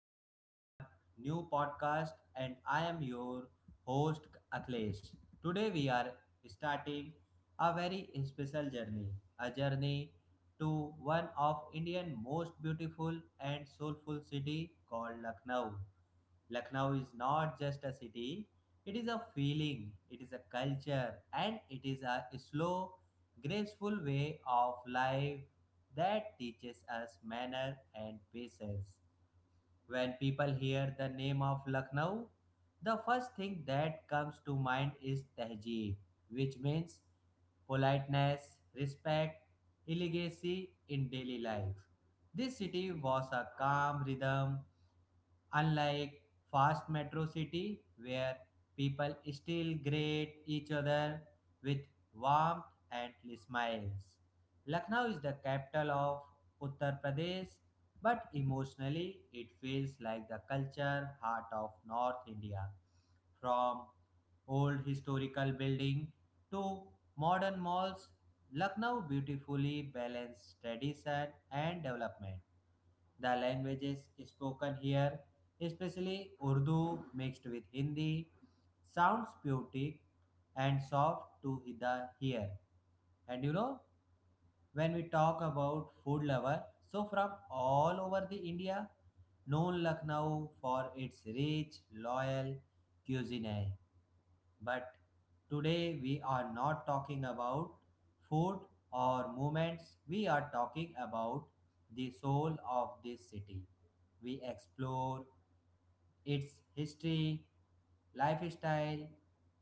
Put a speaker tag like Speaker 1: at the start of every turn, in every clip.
Speaker 1: back our new podcast and I am your host Akhilesh. Today we are starting a very special journey, a journey to one of Indian most beautiful and soulful city called Lucknow. Lucknow is not just a city, it is a feeling, it is a culture, and it is a slow, graceful way of life that teaches us manner and patience. When people hear the name of Lucknow, the first thing that comes to mind is Tehjeeb, which means politeness, respect, elegancy in daily life. This city was a calm rhythm unlike fast metro city where people still greet each other with warmth and smiles. Lucknow is the capital of Uttar Pradesh, but emotionally it feels like the culture heart of North India from old historical building to modern malls, Lucknow beautifully balances tradition and development. The languages spoken here especially Urdu mixed with Hindi, sounds poetic and soft to the ear. And you know, when we talk about food lover, so from all over the India, known Lucknow for its rich, loyal cuisine. But today we are not talking about food or moments, we are talking about the soul of this city. We explore its history, lifestyle,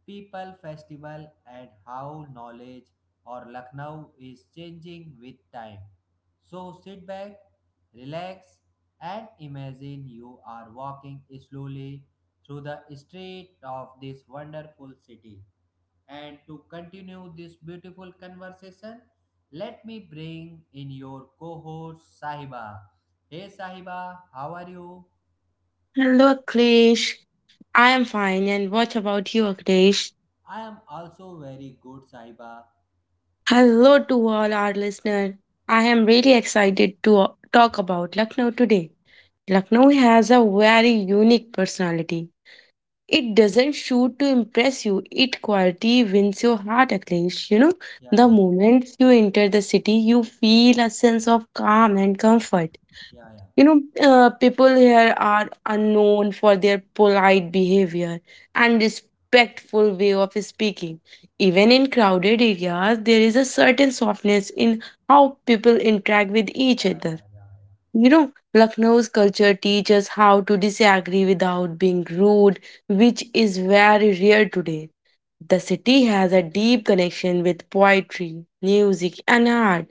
Speaker 1: people, festival, and how knowledge or Lucknow is changing with time. So sit back, relax, and imagine you are walking slowly through the street of this wonderful city. And to continue this beautiful conversation, let me bring in your co host Sahiba. Hey Sahiba, how are you?
Speaker 2: Hello, Aklesh. I am fine, and what about you, Aklesh?
Speaker 1: I am also very good, Saiba.
Speaker 2: Hello to all our listeners. I am really excited to talk about Lucknow today. Lucknow has a very unique personality. It doesn't shoot to impress you, it quality wins your heart, Aklesh.
Speaker 1: Yeah,
Speaker 2: The
Speaker 1: yeah,
Speaker 2: moment you enter the city, you feel a sense of calm and comfort.
Speaker 1: yeah, yeah,
Speaker 2: You know, People here are unknown for their polite behavior and respectful way of speaking. Even in crowded areas, there is a certain softness in how people interact with each
Speaker 1: yeah,
Speaker 2: other.
Speaker 1: yeah, yeah,
Speaker 2: You know, Lucknow's culture teaches how to disagree without being rude, which is very rare today. The city has a deep connection with poetry, music, and art.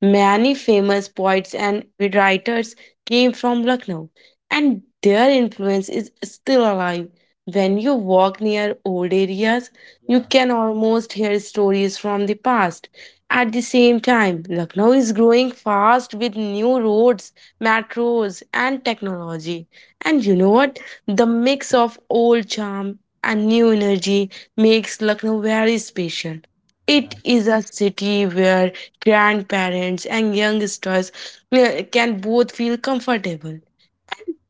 Speaker 2: Many famous poets and writers came from Lucknow, and their influence is still alive. When you walk near old areas, you
Speaker 1: yeah,
Speaker 2: can almost hear stories from the past. At the same time, Lucknow is growing fast with new roads, metros, and technology. And you
Speaker 1: yeah,
Speaker 2: know what? The mix of old charm and new energy makes Lucknow very special. It
Speaker 1: yeah,
Speaker 2: is a city where grandparents and youngsters can both feel comfortable.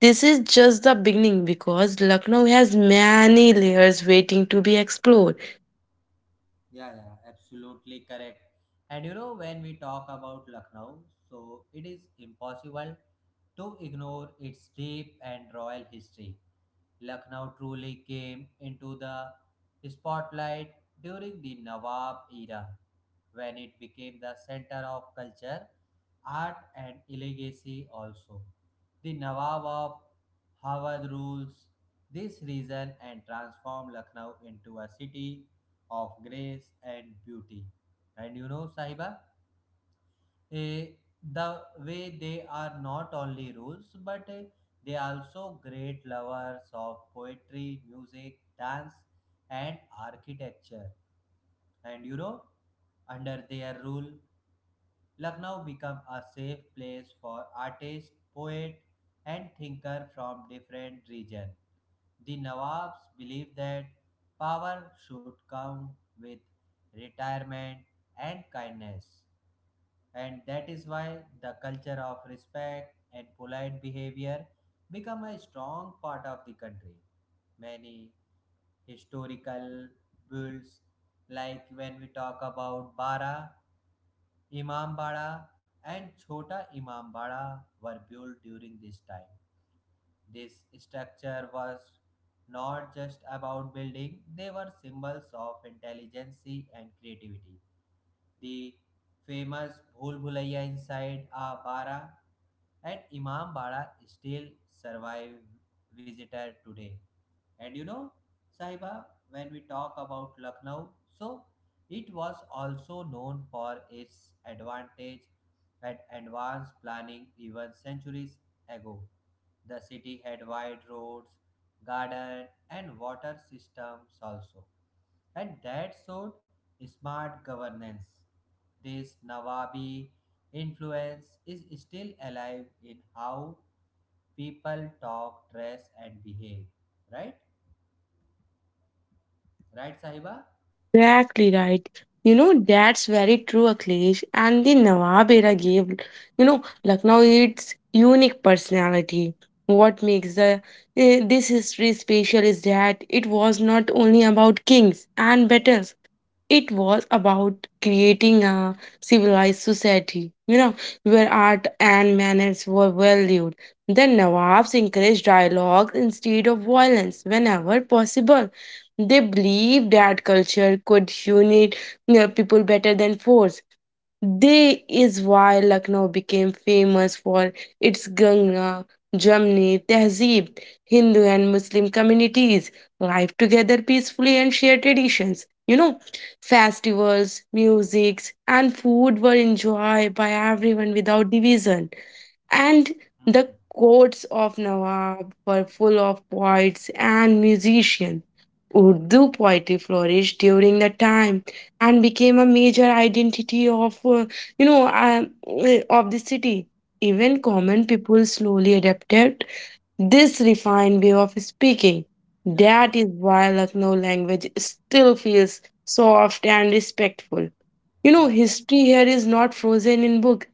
Speaker 2: This is just the beginning because Lucknow has many layers waiting to be explored.
Speaker 1: yeah, yeah, absolutely correct. And you know, when we talk about Lucknow, so it is impossible to ignore its deep and royal history. Lucknow truly came into the spotlight during the Nawab era, when it became the center of culture, art, and legacy also. The Nawab of Hawad rules this region and transformed Lucknow into a city of grace and beauty. And you know, Sahiba, eh, the way they are not only rules but they are also great lovers of poetry music dance and architecture, and you know under their rule lucknow became a safe place for artists poet and thinker from different regions. The Nawabs believed that power should come with retirement and kindness, and that is why the culture of respect and polite behavior become a strong part of the country. Many historical builds, like when we talk about bara imambara and chota imambara were built during this time. This structure was not just about building, they were symbols of intelligence and creativity. The famous Bhul Bhulaiya inside a bara and Imam Bara still survive visitor today. And you know, Sahiba, when we talk about Lucknow, so it was also known for its advantage at advanced planning even centuries ago. The city had wide roads, garden, and water systems also, and that showed smart governance. This Nawabi influence is still alive in how people talk, dress, and behave. Right? Right, Sahiba?
Speaker 2: Exactly right. You know, that's very true, Akhilesh. And the Nawab era gave, you know, Lucknow its unique personality. What makes this history special is that it was not only about kings and battles. It was about creating a civilized society, you know, where art and manners were valued. The Nawabs encouraged dialogue instead of violence whenever possible. They believed that culture could unite, you know, people better than force. They is why Lucknow became famous for its Ganga, Jamni, Tehzeeb, Hindu and Muslim communities live together peacefully and share traditions. You know, festivals, musics, and food were enjoyed by everyone without division.
Speaker 1: Yeah.
Speaker 2: And
Speaker 1: Mhm.
Speaker 2: the courts of Nawab were full of poets and musicians. Urdu poetry flourished during the time and became a major identity of the city. Even common people slowly adapted this refined way of speaking.
Speaker 1: Yeah.
Speaker 2: That is why Lucknow language still feels soft and respectful. You know,
Speaker 1: Yeah.
Speaker 2: history here is not frozen in book.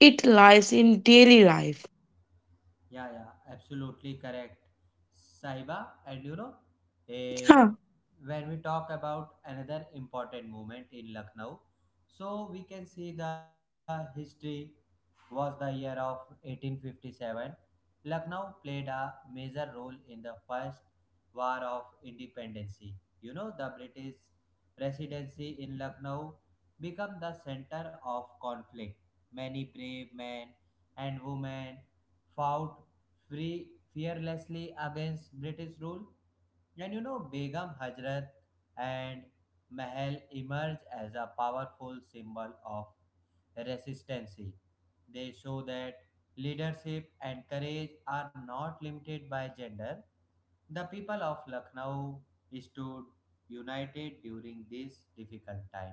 Speaker 2: It lies in daily life.
Speaker 1: Yeah, yeah, absolutely correct, Sahiba. And you know, eh,
Speaker 2: Yeah,
Speaker 1: when we talk about another important moment in Lucknow, so we can see the history was the year of 1857. Lucknow played a major role in the first war of independence. You know, the British residency in Lucknow became the center of conflict. Many brave men and women fought free fearlessly against British rule. And you know, Begum Hazrat and Mahal emerge as a powerful symbol of resistance. They show that leadership and courage are not limited by gender. The people of Lucknow stood united during this difficult time.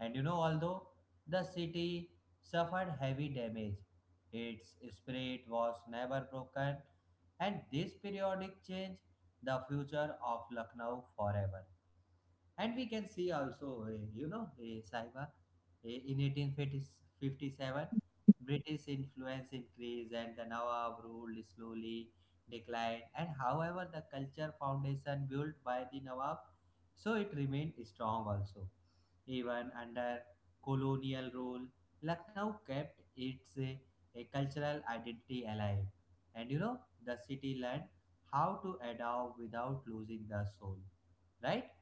Speaker 1: And you know, although the city suffered heavy damage, its spirit was never broken, and this periodic change the future of Lucknow forever. And we can see also, you know, Saiba, in 1857 British influence increased and the Nawab ruled slowly declined, and however the culture foundation built by the Nawab, so it remained strong also even under colonial rule. Lucknow kept its cultural identity alive, and you know the city learned how to adapt without losing the soul, right?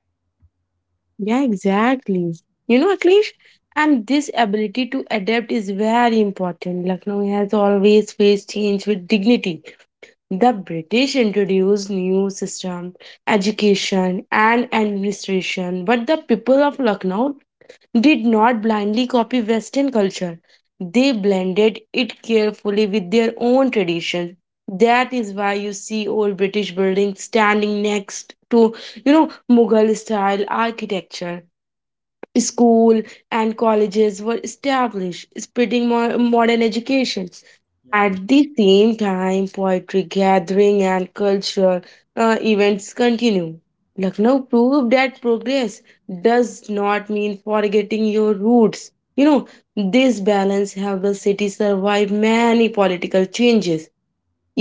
Speaker 2: yeah, exactly. You know, Akhilesh, and this ability to adapt is very important. Lucknow has always faced change with dignity. The British introduced new system, education, and administration, but the people of Lucknow did not blindly copy Western culture. They blended it carefully with their own tradition. That is why you see old British buildings standing next to, you know, Mughal style architecture. School and colleges were established, spreading more modern education.
Speaker 1: Yeah.
Speaker 2: At the same time, poetry gathering and cultural events continue. Lucknow proved that progress does not mean forgetting your roots. You know, this balance helped the city survive many political changes.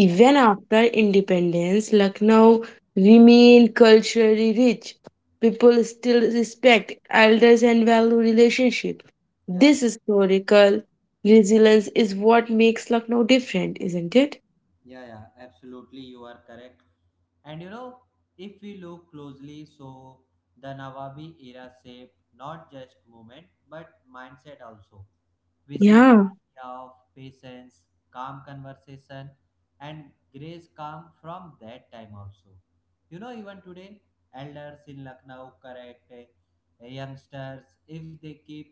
Speaker 1: Yeah,
Speaker 2: after independence, Lucknow remained culturally rich. People still respect elders and value relationship.
Speaker 1: yeah,
Speaker 2: This historical resilience is what makes Lucknow different, isn't it?
Speaker 1: yeah, absolutely. You are correct. And you know, if we look closely, so the Nawabi era shaped not just movement but mindset also. We see the
Speaker 2: Yeah.
Speaker 1: idea of patience, calm conversation, and grace come from that time also. You know, even today, elders in Lucknow correct youngsters if they keep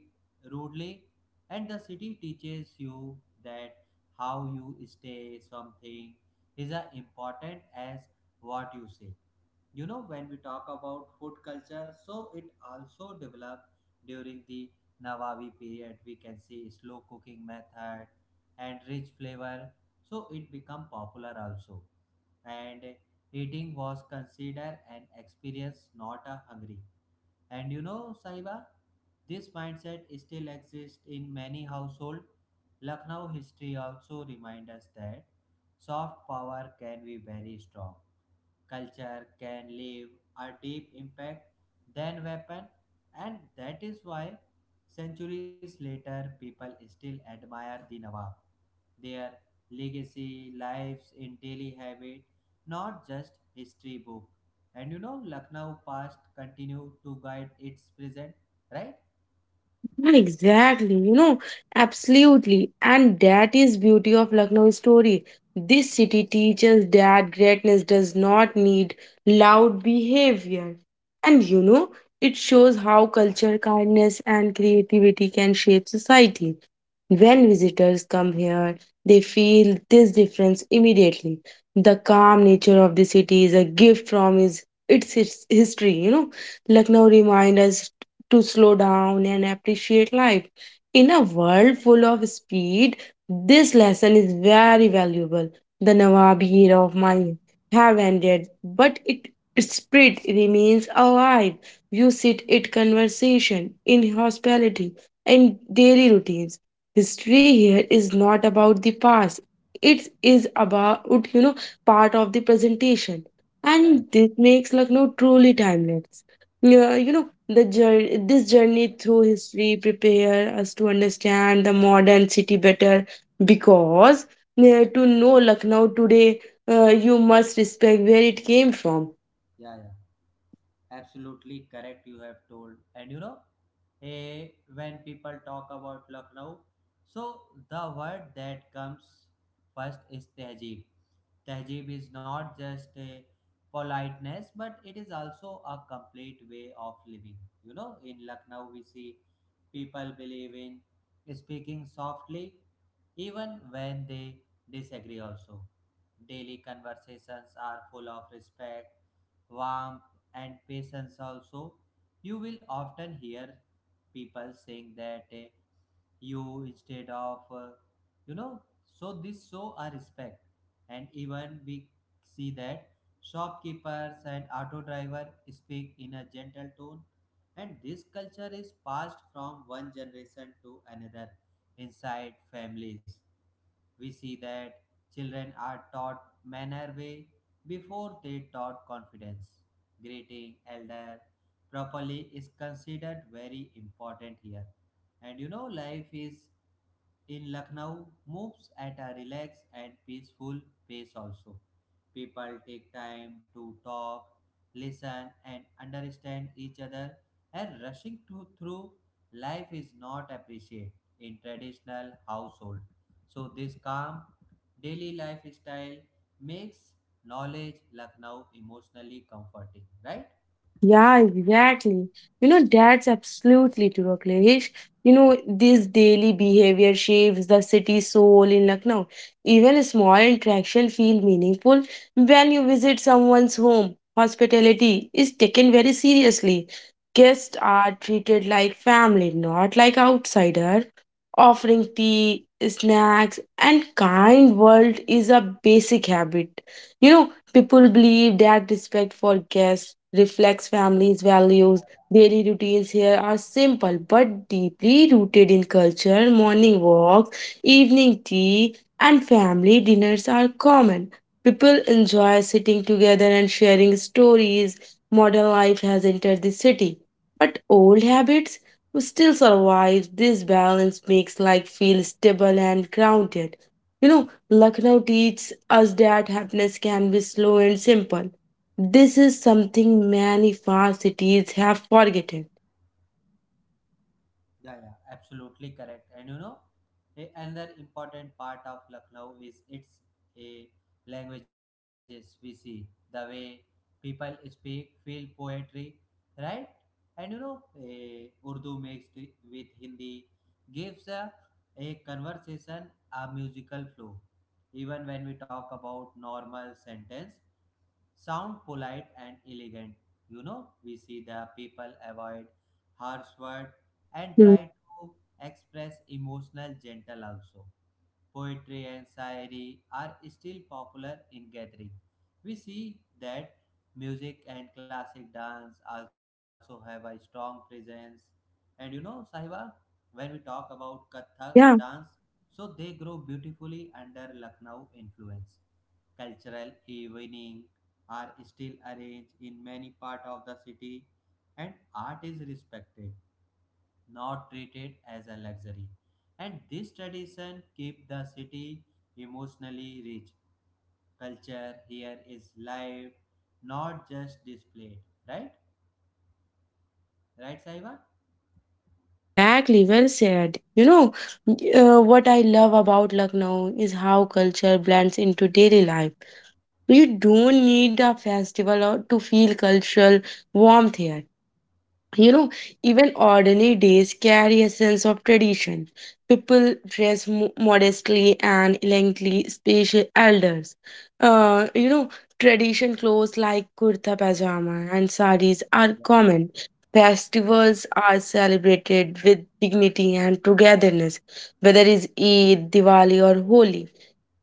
Speaker 1: rudely, and the city teaches you that how you stay something is as important as what you say. You know when we talk about food culture so it also developed during the nawabi period. We can see slow cooking method and rich flavor, so it become popular also, and eating was considered an experience not a hungry. And you know saiba, this mindset still exists in many households. Lucknow history also reminds us that soft power can be very strong. Culture can leave a deep impact than weapon, and that is why centuries later people still admire the nawab. Their legacy lives in daily habit, not just history book. And you know lucknow past continue to guide its present, right?
Speaker 2: Yeah, exactly, you know, absolutely. And that is beauty of Lucknow story. This city teaches that greatness does not need loud behavior. And you know, it shows how culture, kindness, and creativity can shape society. When visitors come here, they feel this difference immediately. The calm nature of the city is a gift from its, history. You know, Lucknow reminds us to slow down and appreciate life. In a world full of speed, this lesson is very valuable. The Nawab era of mine have ended, but it its spirit remains alive. You sit it conversation in hospitality and daily routines. History here is not about the past. It is about, you know, part of the presentation,
Speaker 1: Yeah,
Speaker 2: and this makes Lucknow truly timeless. Yeah, you know, the jour this journey through history prepare us to understand the modern city better because to know Lucknow today, you must respect where it came from.
Speaker 1: yeah. Absolutely correct, you have told. And you know, when people talk about Lucknow, so the word that comes first is Tehzeeb. Tehjeeb is not just a politeness, but it is also a complete way of living. You know, in Lucknow, we see people believe in speaking softly even when they disagree, also. Daily conversations are full of respect, warmth, and patience, also. You will often hear people saying that you instead of, you know, so this show a respect. And even we see that shopkeepers and auto driver speak in a gentle tone, and this culture is passed from one generation to another. Inside families we see that children are taught manner way before they taught confidence. Greeting elder properly is considered very important here. And you know life is in Lucknow moves at a relaxed and peaceful pace also. People take time to talk, listen, and understand each other, and rushing to, through life is not appreciated in traditional household. So, this calm daily lifestyle makes knowledge Lucknow emotionally comforting, right?
Speaker 2: Yeah, exactly. You know, that's absolutely true, Akhilesh. You know, this daily behavior shapes the city soul in Lucknow. Even small interactions feel meaningful when you visit someone's home. Hospitality is taken very seriously. Guests are treated like family, not like outsider. Offering tea, snacks, and kind world is a basic habit. You know, people believe that respect for guests reflects families' values. Daily routines here are simple but deeply rooted in culture. Morning walks, evening tea, and family dinners are common. People enjoy sitting together and sharing stories. Modern life has entered the city, but old habits still survive. This balance makes life feel stable and grounded. You
Speaker 1: Yeah.
Speaker 2: know, Lucknow teaches us that happiness can be slow and simple. This is something many fast cities have forgotten.
Speaker 1: Yeah, yeah, absolutely correct. And you know, another important part of Lucknow is its a languages. We see the way people speak, feel poetry, right? And you know, a Urdu mixed with Hindi gives a conversation a musical flow. Even when we talk about normal sentence, sound polite and elegant. You know, we see the people avoid harsh word and
Speaker 2: Hmm.
Speaker 1: try to express emotional gentle also. Poetry and shayari are still popular in gathering. We see that music and classic dance also have a strong presence. And you know, Sahiba, when we talk about Kathak
Speaker 2: Yeah,
Speaker 1: dance, so they grow beautifully under Lucknow influence. Cultural evening are still arranged in many parts of the city, and art is respected, not treated as a luxury. And this tradition keep the city emotionally rich. Culture here is live, not just displayed. Right? Right, Saiba?
Speaker 2: yeah, exactly. Well said. What I love about Lucknow is how culture blends into daily life. You don't need a festival or to feel cultural warmth here. You
Speaker 1: Yeah.
Speaker 2: know, even ordinary days carry a sense of tradition. People dress modestly and elegantly, special elders. Uh, you know, Tradition clothes like kurta pajama and saris are common. Festivals are celebrated with dignity and togetherness, whether it's Eid, Diwali, or Holi.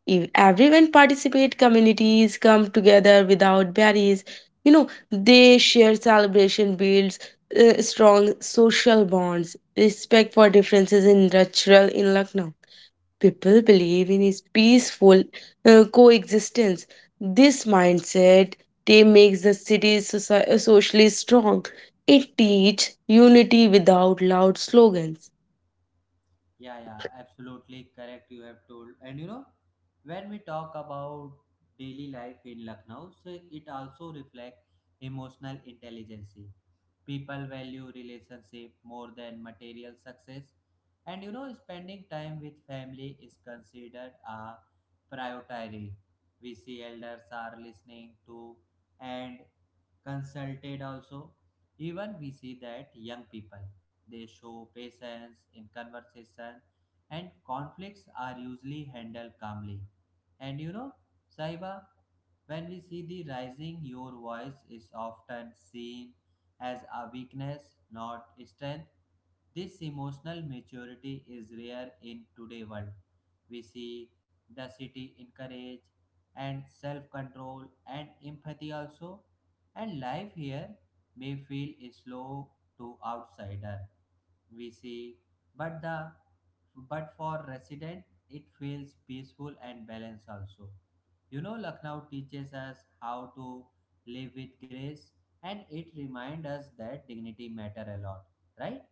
Speaker 2: If everyone participate, communities come together without barriers. You know, they share celebration, builds strong social bonds, respect for differences in cultural in Lucknow. People believe in is peaceful coexistence. This mindset they makes the city socially strong. It teach unity without loud slogans.
Speaker 1: Yeah, yeah, absolutely correct. You have told, and you know, when we talk about daily life in Lucknow, so it also reflects emotional intelligence. People value relationship more than material success, and you know spending time with family is considered a priority. We see elders are listening to and consulted also. Even we see that young people, they show patience in conversation, and conflicts are usually handled calmly. And you know saiba, when we see the rising your voice is often seen as a weakness, not strength. This emotional maturity is rare in today's world. We see the city encourage and self-control and empathy also, and life here may feel slow to outsider. We see, but the but for resident it feels peaceful and balanced also. You know, Lucknow teaches us how to live with grace, and it reminds us that dignity matter a lot, right?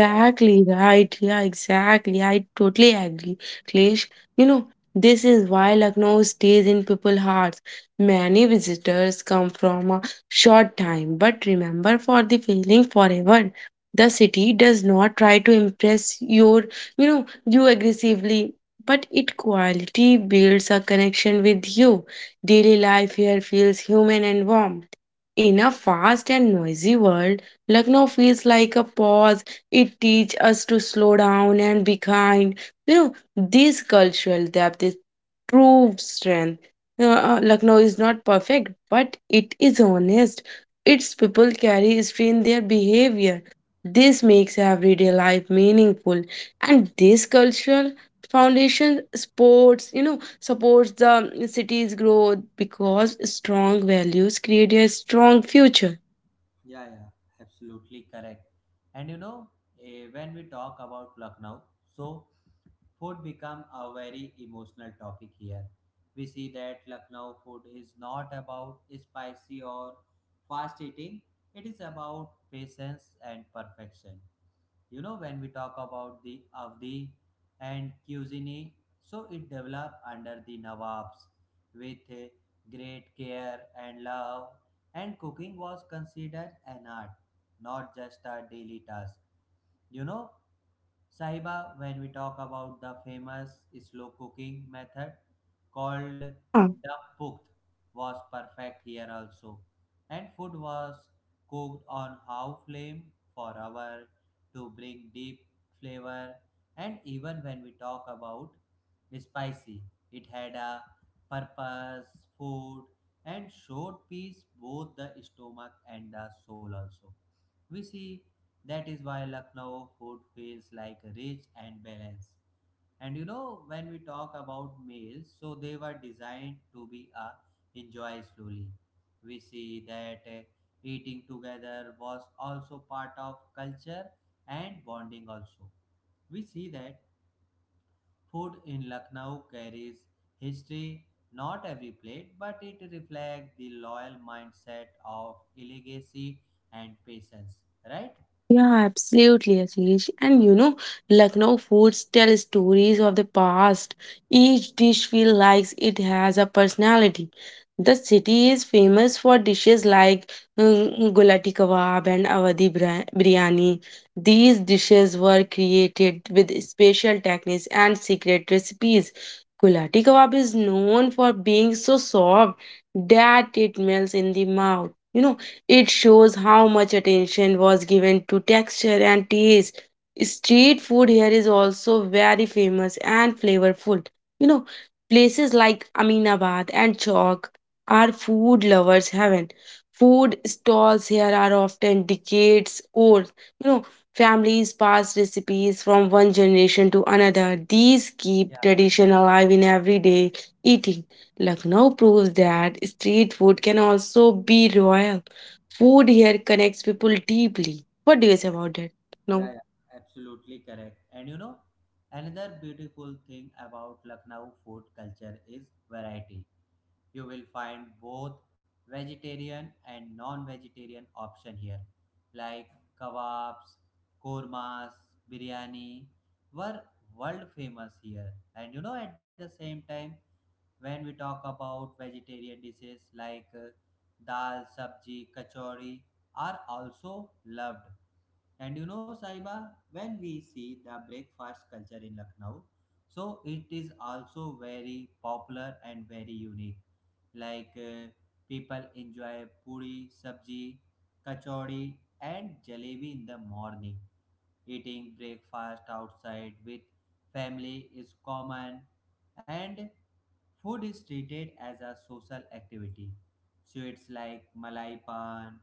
Speaker 1: Right.
Speaker 2: right. Yeah, exactly. I totally agree, Klesh. You know, this is why Lucknow stays in people's hearts. Many visitors come from a short time, but remember for the feeling forever. The city does not try to impress your, you know, you aggressively, but it quality builds a connection with you. Daily life here feels human and warm. In a fast and noisy world, Lucknow feels like a pause. It teaches us to slow down and be kind. You know, this cultural depth is true strength. Lucknow is not perfect, but it is honest. Its people carry history in their behavior. This makes everyday life meaningful, and this cultural foundation sports, you know, supports the city's growth because strong values create a strong future.
Speaker 1: Yeah, yeah, absolutely correct. And you know, when we talk about Lucknow, so food become a very emotional topic here. We see that Lucknow food is not about spicy or fast eating. It is about patience and perfection. You know when we talk about the avdi and cuisine, so it developed under the nawabs with great care and love, and cooking was considered an art not just a daily task. You know, Sahiba, when we talk about the famous slow cooking method called
Speaker 2: Yeah,
Speaker 1: the pukt was perfect here also. And food was cooked on high flame for hour to bring deep flavor. And even when we talk about spicy, it had a purpose, food, and showed peace both the stomach and the soul also. We see that is why Lucknow food feels like rich and balanced. And you know, when we talk about meals, so they were designed to be enjoyed slowly. We see that eating together was also part of culture and bonding also. We see that food in Lucknow carries history, not every plate, but it reflects the loyal mindset of legacy and patience, right?
Speaker 2: yeah, absolutely, Ashish. And you know, Lucknow foods tell stories of the past. Each dish feels like it has a personality. The city is famous for dishes like gulati kebab and Awadhi biryani. These dishes were created with special techniques and secret recipes. Gulati kebab is known for being so soft that it melts in the mouth. You know, it shows how much attention was given to texture and taste. Street food here is also very famous and flavorful. You know, places like Aminabad and Chowk are food lovers' heaven. Food stalls here are often decades old. You know, families pass recipes from one generation to another. These keep
Speaker 1: Yeah,
Speaker 2: tradition alive in everyday eating. Lucknow proves that street food can also be royal. Food here connects people deeply. What do you say about that? No.
Speaker 1: yeah, yeah, absolutely correct. And you know, another beautiful thing about Lucknow food culture is variety. You will find both vegetarian and non-vegetarian option here, like kebabs, kormas, biryani were world famous here. And you know, at the same time, when we talk about vegetarian dishes like dal, sabji, kachori are also loved. And you know, Saiba, when we see the breakfast culture in Lucknow, so it is also very popular and very unique. Like people enjoy puri, sabji, kachori, and jalebi in the morning. Eating breakfast outside with family is common, and food is treated as a social activity. Sweets like malai pan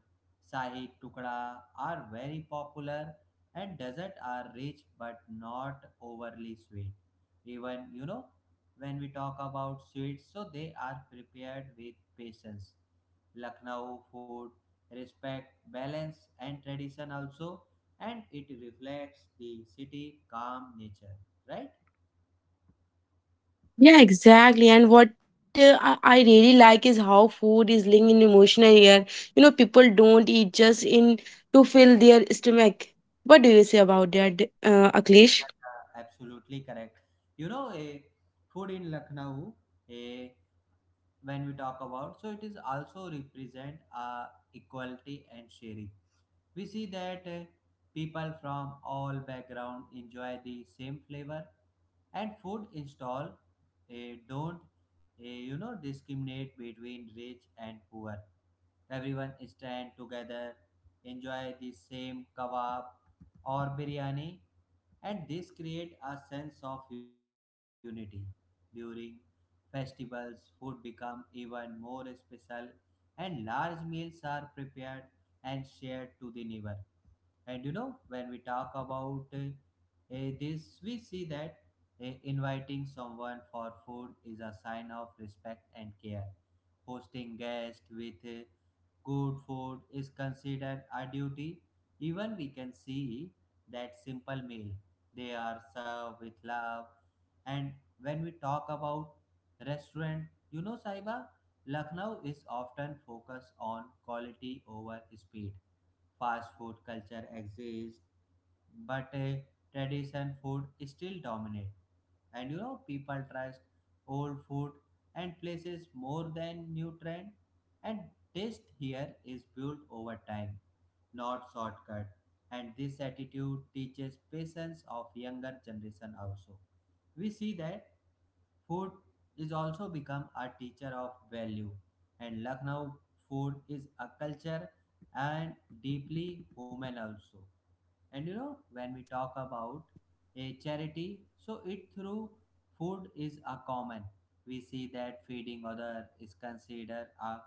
Speaker 1: Sahi tukda are very popular and dessert are rich but not overly sweet. Even you know when we talk about sweets, so they are prepared with patience. Lucknow food respect balance and tradition also, and it reflects the city calm nature, right?
Speaker 2: Yeah, exactly. And what I really like is how food is linked in emotional here. You know, people don't eat just in to fill their stomach. What do you say about that, Akhilesh?
Speaker 1: Yeah, absolutely correct. You know, a food in lucknow a when we talk about, so it is also represent equality and sharing. We see that people from all background enjoy the same flavor, and food install don't, discriminate between rich and poor. Everyone stand together, enjoy the same kebab or biryani, and this create a sense of unity. During festivals, food become even more special, and large meals are prepared and shared to the neighbor. And you know, when we talk about this, we see that inviting someone for food is a sign of respect and care. Hosting guests with good food is considered a duty. Even we can see that simple meal. They are served with love. And when we talk about restaurant, you know, Saiba, Lucknow is often focused on quality over speed. Fast food culture exists, but tradition food still dominate. And you know, people trust old food and places more than new trend, and taste here is built over time, not shortcut. And this attitude teaches patience of younger generation also. We see that food is also become a teacher of value, and Lucknow food is a culture and deeply human also. And you know, when we talk about a charity, so it through food is a common. We see that feeding other is considered a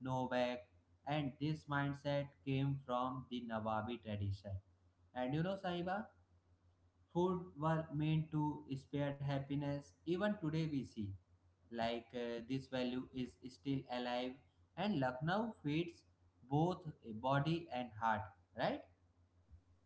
Speaker 1: no-back, and this mindset came from the Nawabi tradition. And you know, Sahiba, food were meant to spare happiness. Even today, we see like this value is still alive, and Lucknow feeds both body and heart, right?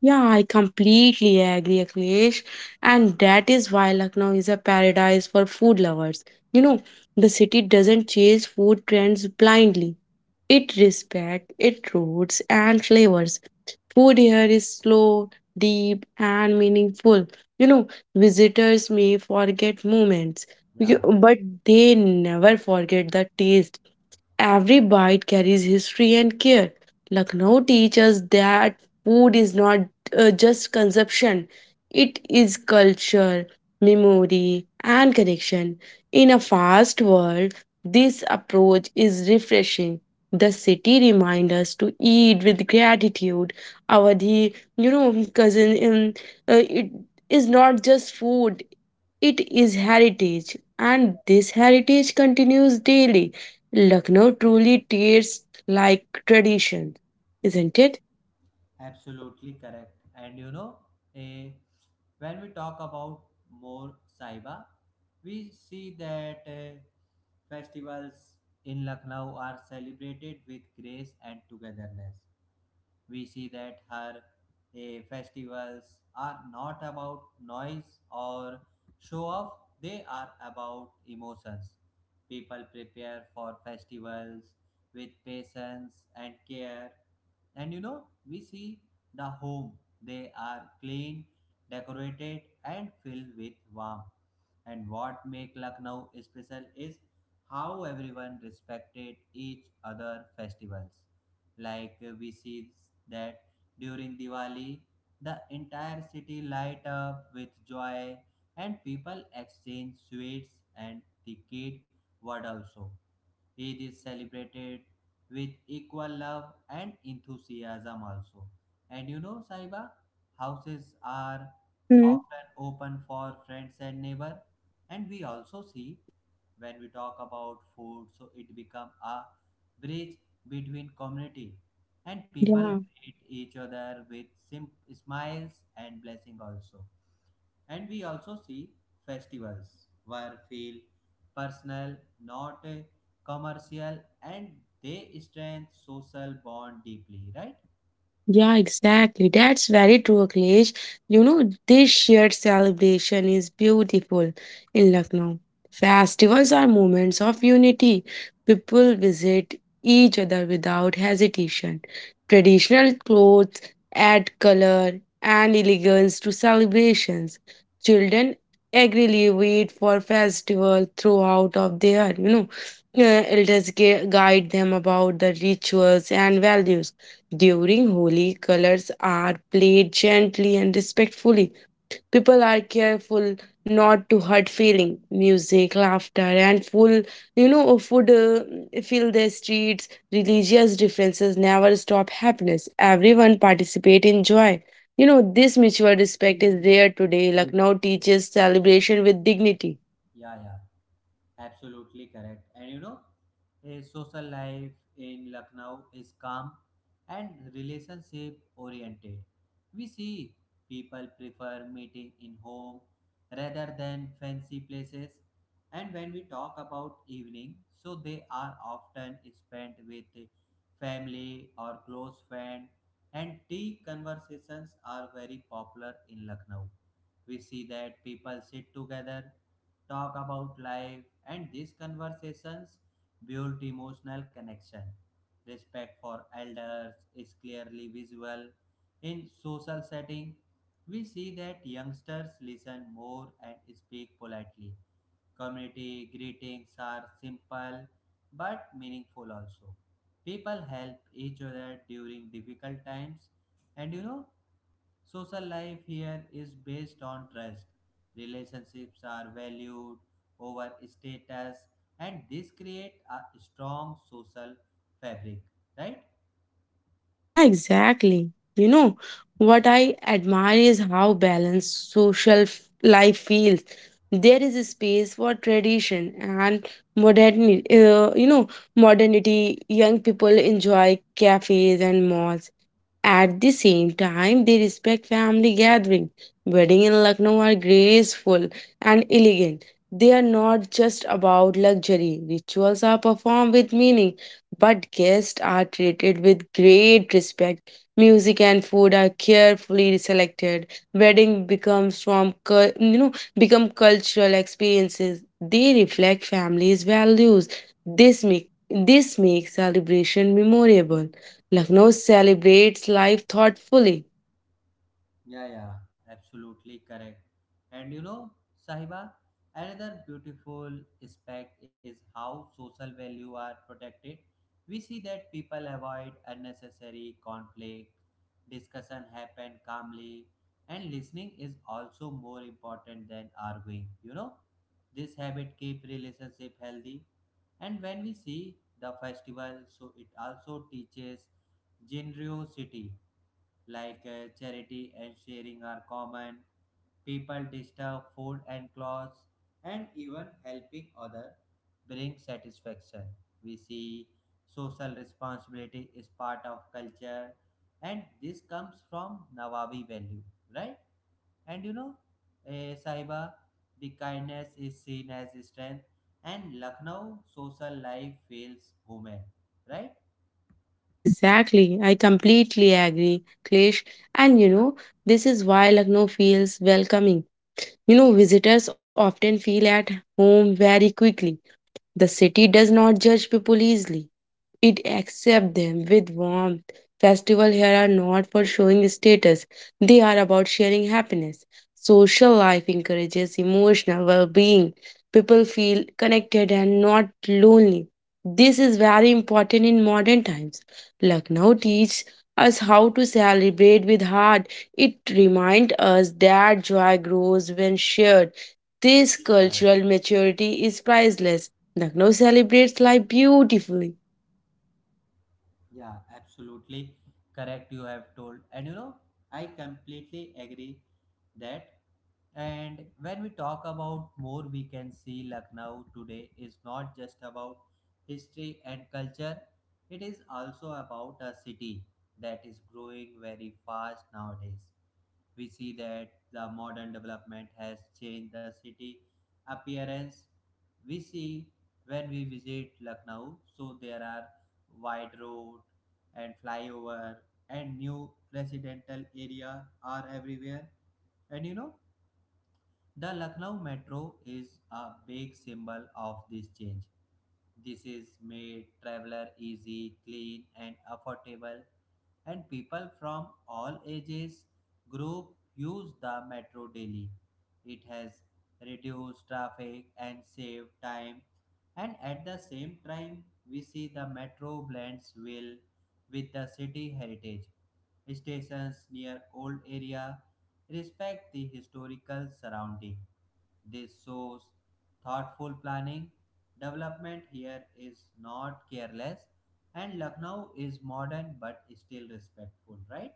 Speaker 2: Yeah, I completely agree, Akhilesh. And that is why Lucknow is a paradise for food lovers. You know, the city doesn't chase food trends blindly. It respects its roots and flavors. Food here is slow, deep, and meaningful. You know, visitors may forget moments,
Speaker 1: Yeah.
Speaker 2: but they never forget the taste. Every bite carries history and care. Lucknow teaches that food is not, just consumption, it is culture, memory, and connection. In a fast world, this approach is refreshing. The city reminds us to eat with gratitude. Our the cousin, it is not just food; it is heritage, and this heritage continues daily. Lucknow truly tastes like tradition, isn't it?
Speaker 1: Absolutely correct. And you know, eh, when we talk about more, Saiba, we see that festivals in Lucknow are celebrated with grace and togetherness. We see that her festivals are not about noise or show off, they are about emotions. People prepare for festivals with patience and care. And you know, we see the home. They are clean, decorated, and filled with warmth. And what make Lucknow special is how everyone respected each other festivals. Like we see that during Diwali, the entire city light up with joy, and people exchange sweets and the kid word also. Eid is celebrated with equal love and enthusiasm also. And you know, Saiba, houses are
Speaker 2: Hmm.
Speaker 1: often open for friends and neighbor. And we also see, when we talk about food, so it become a bridge between community, and people
Speaker 2: Yeah.
Speaker 1: greet each other with smiles and blessing also. And we also see festivals were feel personal, not commercial, and they strengthen social bond deeply, right?
Speaker 2: Yeah, exactly. That's very true, Akhilesh. You know, this shared celebration is beautiful in Lucknow. Festivals are moments of unity. People visit each other without hesitation. Traditional clothes add color and elegance to celebrations. Children eagerly wait for festival throughout of their, you know, uh, elders guide them about the rituals and values during Holi, colors are played gently and respectfully. People are careful not to hurt feeling. Music, laughter, and full, you know, food fill the streets. Religious differences never stop happiness. Everyone participate in joy. You know, this mutual respect is rare today. Lucknow teaches celebration with dignity.
Speaker 1: Yeah, yeah. Absolutely correct. And you know, his social life in Lucknow is calm and relationship oriented. We see people prefer meeting in home rather than fancy places. And when we talk about evening, so they are often spent with family or close friend, and tea conversations are very popular in Lucknow. We see that people sit together, talk about life, and these conversations build emotional connection. Respect for elders is clearly visible in social setting. We see that youngsters listen more and speak politely. Community greetings are simple but meaningful also. People help each other during difficult times, and you know, social life here is based on trust. Relationships are valued over status, and this create a strong social fabric, right?
Speaker 2: Yeah, exactly. You know, what I admire is how balanced social life feels. There is a space for tradition and modernity. Young people enjoy cafes and malls. At the same time, they respect family gathering. Wedding in Lucknow are graceful and elegant. They are not just about luxury. Rituals are performed with meaning but guests are treated with great respect. Music and food are carefully selected. Wedding becomes from cul- you know become cultural experiences. They reflect families' values. This makes celebration memorable. Lucknow celebrates life thoughtfully.
Speaker 1: Yeah, yeah, absolutely correct. And you know, Sahiba, another beautiful aspect is how social value are protected. We see that people avoid unnecessary conflict, discussion happen calmly, and listening is also more important than arguing. You know, this habit keep relationship healthy. And when we see the festival, so it also teaches generosity, like charity and sharing are common. People disturb food and clothes, and even helping other brings satisfaction. We see social responsibility is part of culture, and this comes from Nawabi value, right? And you know, Saiba, the kindness is seen as strength, and Lucknow social life feels human, right?
Speaker 2: Yeah, exactly. I completely agree, Klesh. And this is why Lucknow feels welcoming. Visitors often feel at home very quickly. The city does not judge people easily. It accepts them with warmth. Festivals here are not for showing status, they are about sharing happiness. Social life encourages emotional well being. People feel connected and not lonely. This is very important in modern times. Lucknow teaches us how to celebrate with heart. It reminds us that joy grows when shared. This
Speaker 1: Yeah,
Speaker 2: cultural maturity is priceless. Lucknow celebrates life beautifully.
Speaker 1: yeah, absolutely correct. You have told, and you know, I completely agree that. And when we talk about more, we can see Lucknow today is not just about history and culture, it is also about a city that is growing very fast nowadays. We see that the modern development has changed the city appearance. We see when we visit Lucknow, so there are wide road and flyover, and new residential area are everywhere. And you know, the Lucknow Metro is a big symbol of this change. This is made traveler easy, clean and affordable, and people from all ages group use the metro daily. It has reduced traffic and saved time, and at the same time, we see the metro blends well with the city heritage. Stations near old area respect the historical surrounding. This shows thoughtful planning. Development here is not careless, and Lucknow is modern but still respectful, right?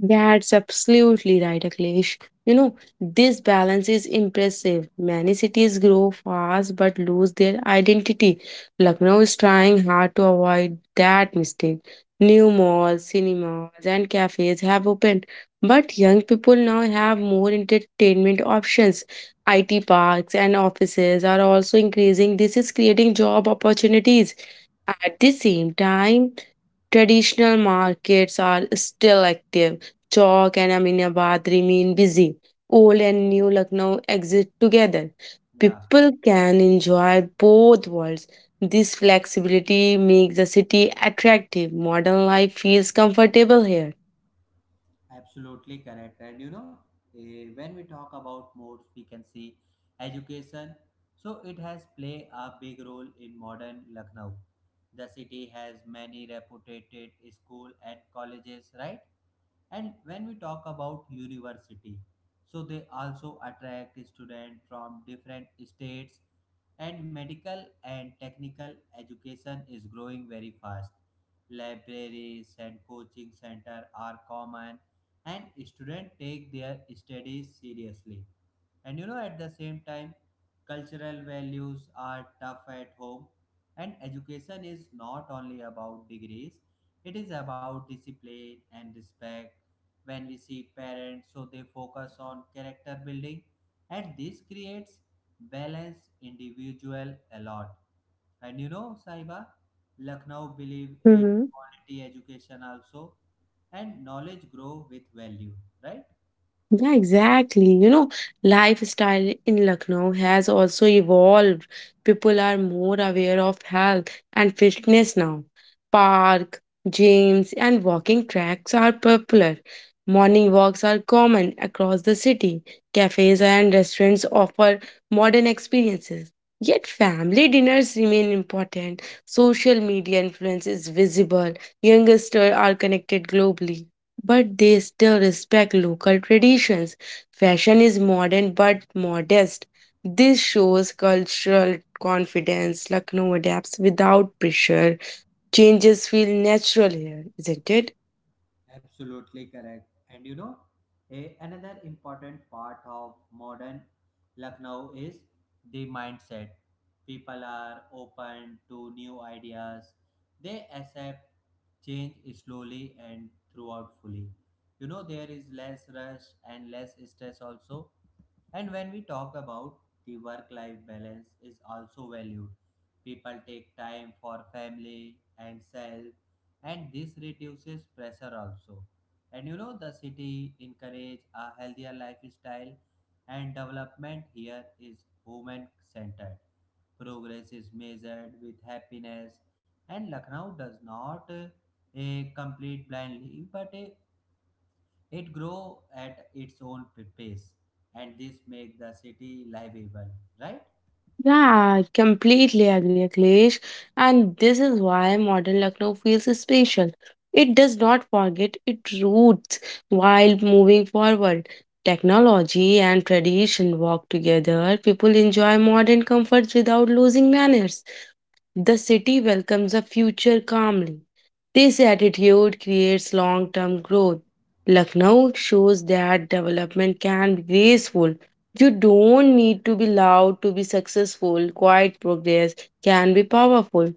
Speaker 2: That's absolutely right, Akhilesh. You know, this balance is impressive. Many cities grow fast but lose their identity. Lucknow is trying hard to avoid that mistake. New malls, cinemas, and cafes have opened, but young people now have more entertainment options. IT parks and offices are also increasing. This is creating job opportunities. At the same time, traditional markets are still active. Chowk and Aminabad remain busy. Old and new Lucknow exist together.
Speaker 1: Yeah,
Speaker 2: People can enjoy both worlds. This flexibility makes the city attractive. Modern life feels comfortable here.
Speaker 1: absolutely correct. And you know, when we talk about more, we can see education. So it has played a big role in modern Lucknow. The city has many reputed school and colleges, right? And when we talk about university, so they also attract students from different states, and medical and technical education is growing very fast. Libraries and coaching center are common, and students take their studies seriously. And you know, at the same time, cultural values are tough at home. And education is not only about degrees, it is about discipline and respect. When we see parents, so they focus on character building, and this creates balanced individual a lot. And you know, Saiba, Lucknow believe in
Speaker 2: Mhm.
Speaker 1: quality education also, and knowledge grow with value, right?
Speaker 2: Yeah, exactly. Lifestyle in Lucknow has also evolved. People are more aware of health and fitness now. Park, gyms, and walking tracks are popular. Morning walks are common across the city. Cafes and restaurants offer modern experiences. Yet family dinners remain important. Social media influence is visible. Youngsters are connected globally, but they still respect local traditions. Fashion is modern but modest. This shows cultural confidence. Lucknow adapts without pressure. Changes feel natural here, isn't it?
Speaker 1: Absolutely correct. And you know, another important part of modern Lucknow is the mindset. People are open to new ideas. They accept change slowly and throughout fully. You know, there is less rush and less stress also. And when we talk about, the work life balance is also valued. People take time for family and self, and this reduces pressure also. And you know, the city encourage a healthier lifestyle, and development here is human centered. Progress is measured with happiness, and Lucknow does not complete blindly, but it grows at its own pace, and this make the city livable, right?
Speaker 2: Yeah, I completely agree, Akhilesh. And this is why modern Lucknow feels special. It does not forget its roots while moving forward. Technology and tradition walk together. People enjoy modern comforts without losing manners. The city welcomes the future calmly. This attitude creates long term growth. Lucknow shows that development can be graceful, you don't need to be loud to be successful. Quiet progress can be powerful.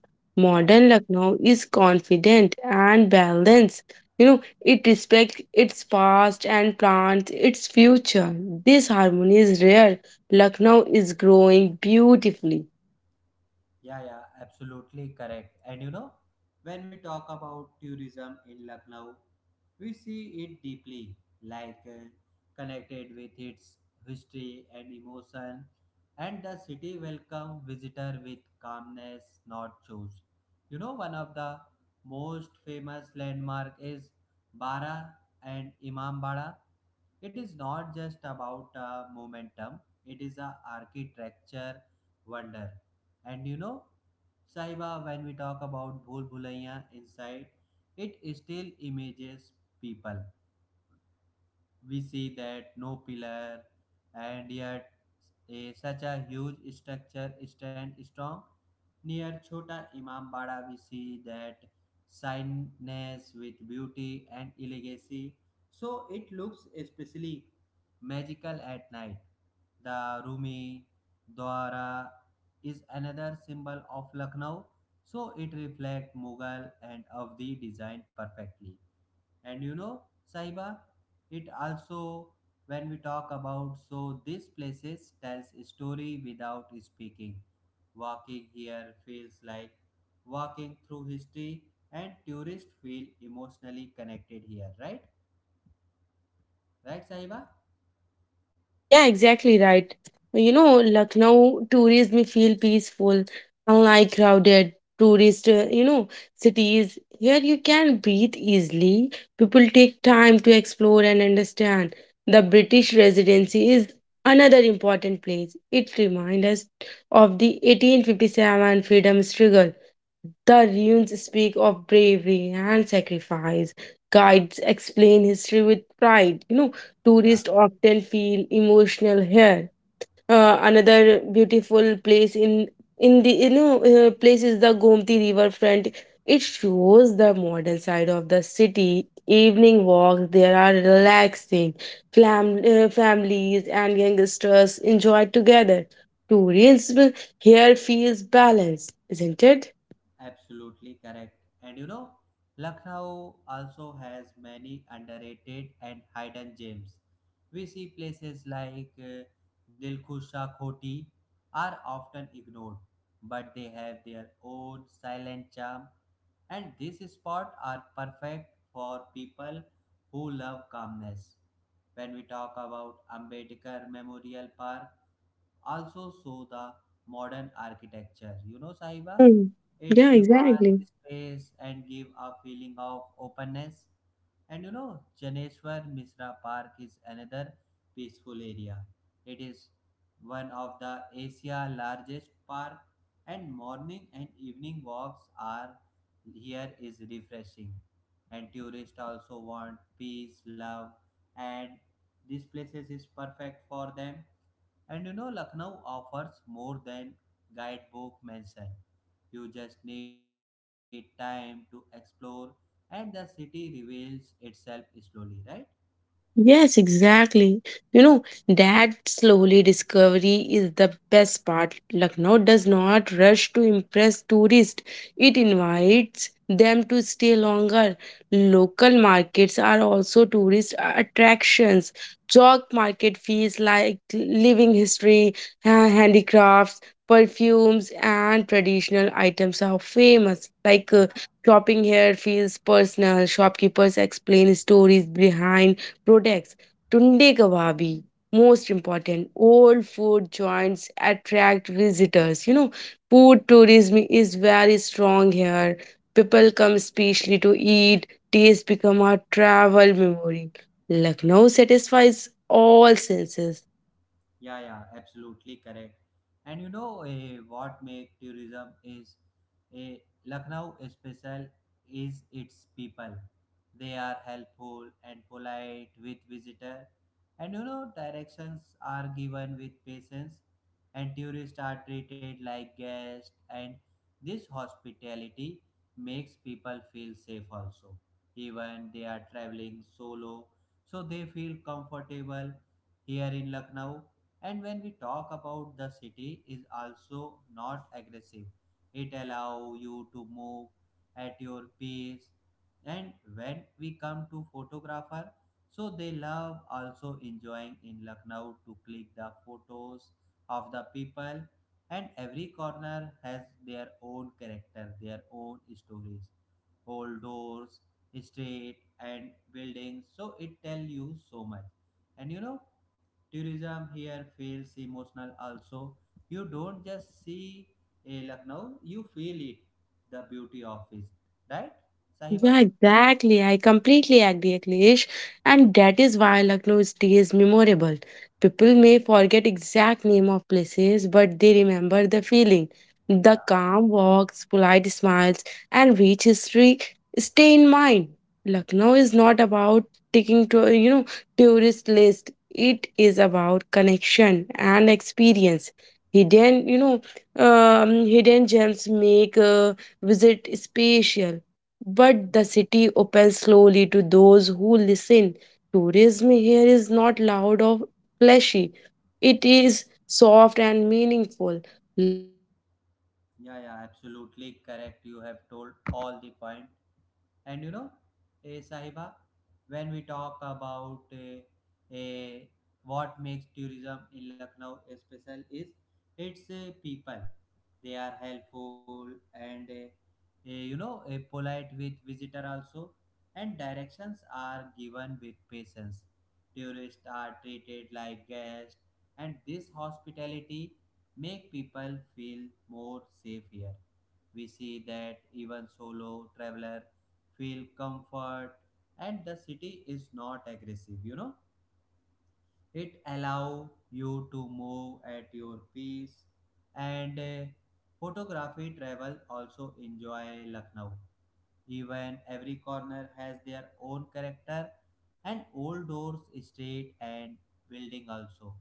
Speaker 1: Yeah,
Speaker 2: Modern Lucknow is confident and balanced. It respects its past and plans its future. This harmony is rare. Lucknow is growing beautifully.
Speaker 1: yeah, yeah, absolutely correct. And you know, when we talk about tourism in Lucknow, we see it deeply, like connected with its history and emotion, and the city welcome visitor with calmness, not shows. You know, one of the most famous landmark is Bara and Imambada. It is not just about momentum, it is a architecture wonder. And you know, Saiba, when we talk about bhul bhulaiya inside, it still images people. We see that no pillar, and yet such a huge structure stand strong. Near Chota Imam Bada, we see that signness with beauty and elegancy. So it looks especially magical at night. The Rumi Dwara is another symbol of Lucknow. So it reflects Mughal and Avdi design perfectly. And you know, Saiba, it also, when we talk about, so these places tells a story without speaking. Walking here feels like walking through history, and tourists feel emotionally connected here, right? Right, Saiba?
Speaker 2: Yeah, exactly right. Lucknow tourists feel peaceful, unlike crowded tourist, cities. Here you can breathe easily. People take time to explore and understand. The British Residency is another important place. It reminds us of the 1857 freedom struggle. The ruins speak of bravery and sacrifice. Guides explain history with pride. You know,
Speaker 1: Yeah.
Speaker 2: tourists often feel emotional here. Another beautiful place in the place is the Gomti riverfront. It shows the modern side of the city. Evening walks there are relaxing. Families and youngsters enjoy together. Tourism here feels balanced, isn't it?
Speaker 1: Absolutely correct. And you know, Lucknow also has many underrated and hidden gems. We see places like Dilkhusha Khoti are often ignored, but they have their own silent charm, and these spots are perfect for people who love calmness. When we talk about Ambedkar Memorial Park also, so the modern architecture, you know, Sahiba,
Speaker 2: Mm. Yeah,
Speaker 1: it's a
Speaker 2: exactly.
Speaker 1: vast space and give a feeling of openness. And you know, Janeshwar Misra Park is another peaceful area. It is one of the Asia largest park, and morning and evening walks are here is refreshing, and tourists also want peace love, and this places is perfect for them. And you know, Lucknow offers more than guidebook mention. You just need time to explore, and the city reveals itself slowly, right?
Speaker 2: Yes, exactly. That slowly discovery is the best part. Lucknow does not rush to impress tourists, it invites them to stay longer. Local markets are also tourist attractions. Chalk market feels like living history, handicrafts, perfumes, and traditional items are famous. Like, shopping here feels personal, shopkeepers explain stories behind products. Tunde Kawabi, most important, old food joints attract visitors. Food tourism is very strong here. People come especially to eat, taste become a travel memory. Lucknow satisfies all senses.
Speaker 1: Yeah, yeah, absolutely correct. And you know what make tourism is eh, Lucknow special is its people. They are helpful and polite with visitor, and you know directions are given with patience, and tourists are treated like guests. And this hospitality makes people feel safe also, even they are traveling solo, so they feel comfortable here in Lucknow, and when we talk about the city is also not aggressive, it allow you to move at your pace. And when we come to photographer, so they love also enjoying in Lucknow to click the photos of the people, and every corner has their own character, their own stories, old doors, street and buildings, so it tell you so much. And you know tourism here feels emotional also. You don't just see a Lucknow, you feel it, the beauty of it. Right, Sahiba?
Speaker 2: Yeah, exactly. I completely agree, Akhilesh. And that is why Lucknow stays memorable. People may forget exact name of places, but they remember the feeling. The
Speaker 1: Yeah,
Speaker 2: calm walks, polite smiles, and rich history stay in mind. Lucknow is not about taking to tourist list. It is about connection and experience. Hidden, you know, hidden gems make a visit special. But the city opens slowly to those who listen. Tourism here is not loud or flashy, it is soft and meaningful. Lucknow welcomes
Speaker 1: yeah,
Speaker 2: visitors with
Speaker 1: yeah,
Speaker 2: heart.
Speaker 1: absolutely
Speaker 2: This
Speaker 1: correct. You
Speaker 2: makes
Speaker 1: have
Speaker 2: people
Speaker 1: told all the
Speaker 2: return
Speaker 1: point.
Speaker 2: again.
Speaker 1: And
Speaker 2: Lucknow
Speaker 1: you know,
Speaker 2: becomes a memory,
Speaker 1: Sahiba,
Speaker 2: not just a
Speaker 1: when we
Speaker 2: trip.
Speaker 1: talk about eh, what makes tourism in Lucknow
Speaker 2: Isn't it,
Speaker 1: special
Speaker 2: Akhilesh?
Speaker 1: is its people. They are helpful and you know polite with visitor also, and directions are given with patience. Tourists are treated like guests, and this hospitality make people feel more safe here. We see that even solo traveler feel comfort, and the city is not aggressive, you know. It allow you to move at your pace, and photography travel also enjoy Lucknow, even every corner has their own character, and old doors, street, and building also.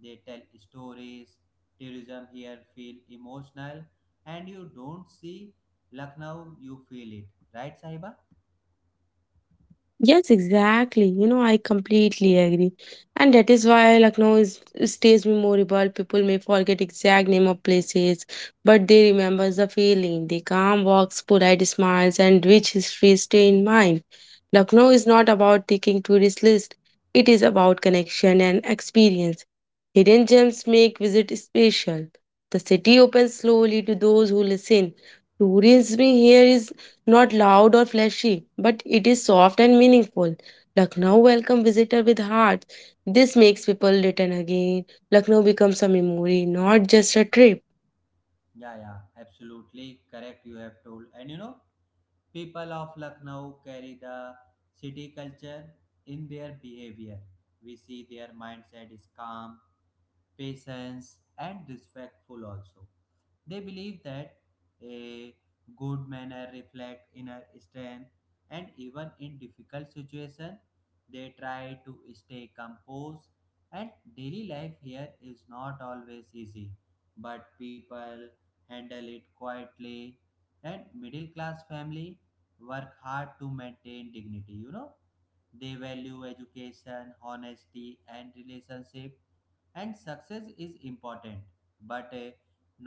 Speaker 1: They tell stories. Tourism here feel emotional, and you don't see Lucknow, you feel it, right, Sahiba?
Speaker 2: Yes, exactly. I completely agree. And that is why Lucknow is stays memorable. People may forget exact name of places, but they remember the feeling. The calm walks, polite smiles, and rich history stay in mind. Lucknow is not about ticking tourist list. It is about connection and experience. Hidden gems make visit special. The city opens slowly to those who listen. Tourism here is not loud or flashy, but it is soft and meaningful. Lucknow welcomes visitor with heart. This makes people return again. Lucknow becomes a memory, not just a trip.
Speaker 1: Yeah, yeah, absolutely correct. You have told, and you know, people of Lucknow carry the city culture in their behavior. We see their mindset is calm, patience, and respectful also. They believe that a good manner reflects inner strength, and even in difficult situations, they try to stay composed. And daily life here is not always easy, but people handle it quietly. And middle class family work hard to maintain dignity. You know, they value education, honesty, and relationship, and success is important but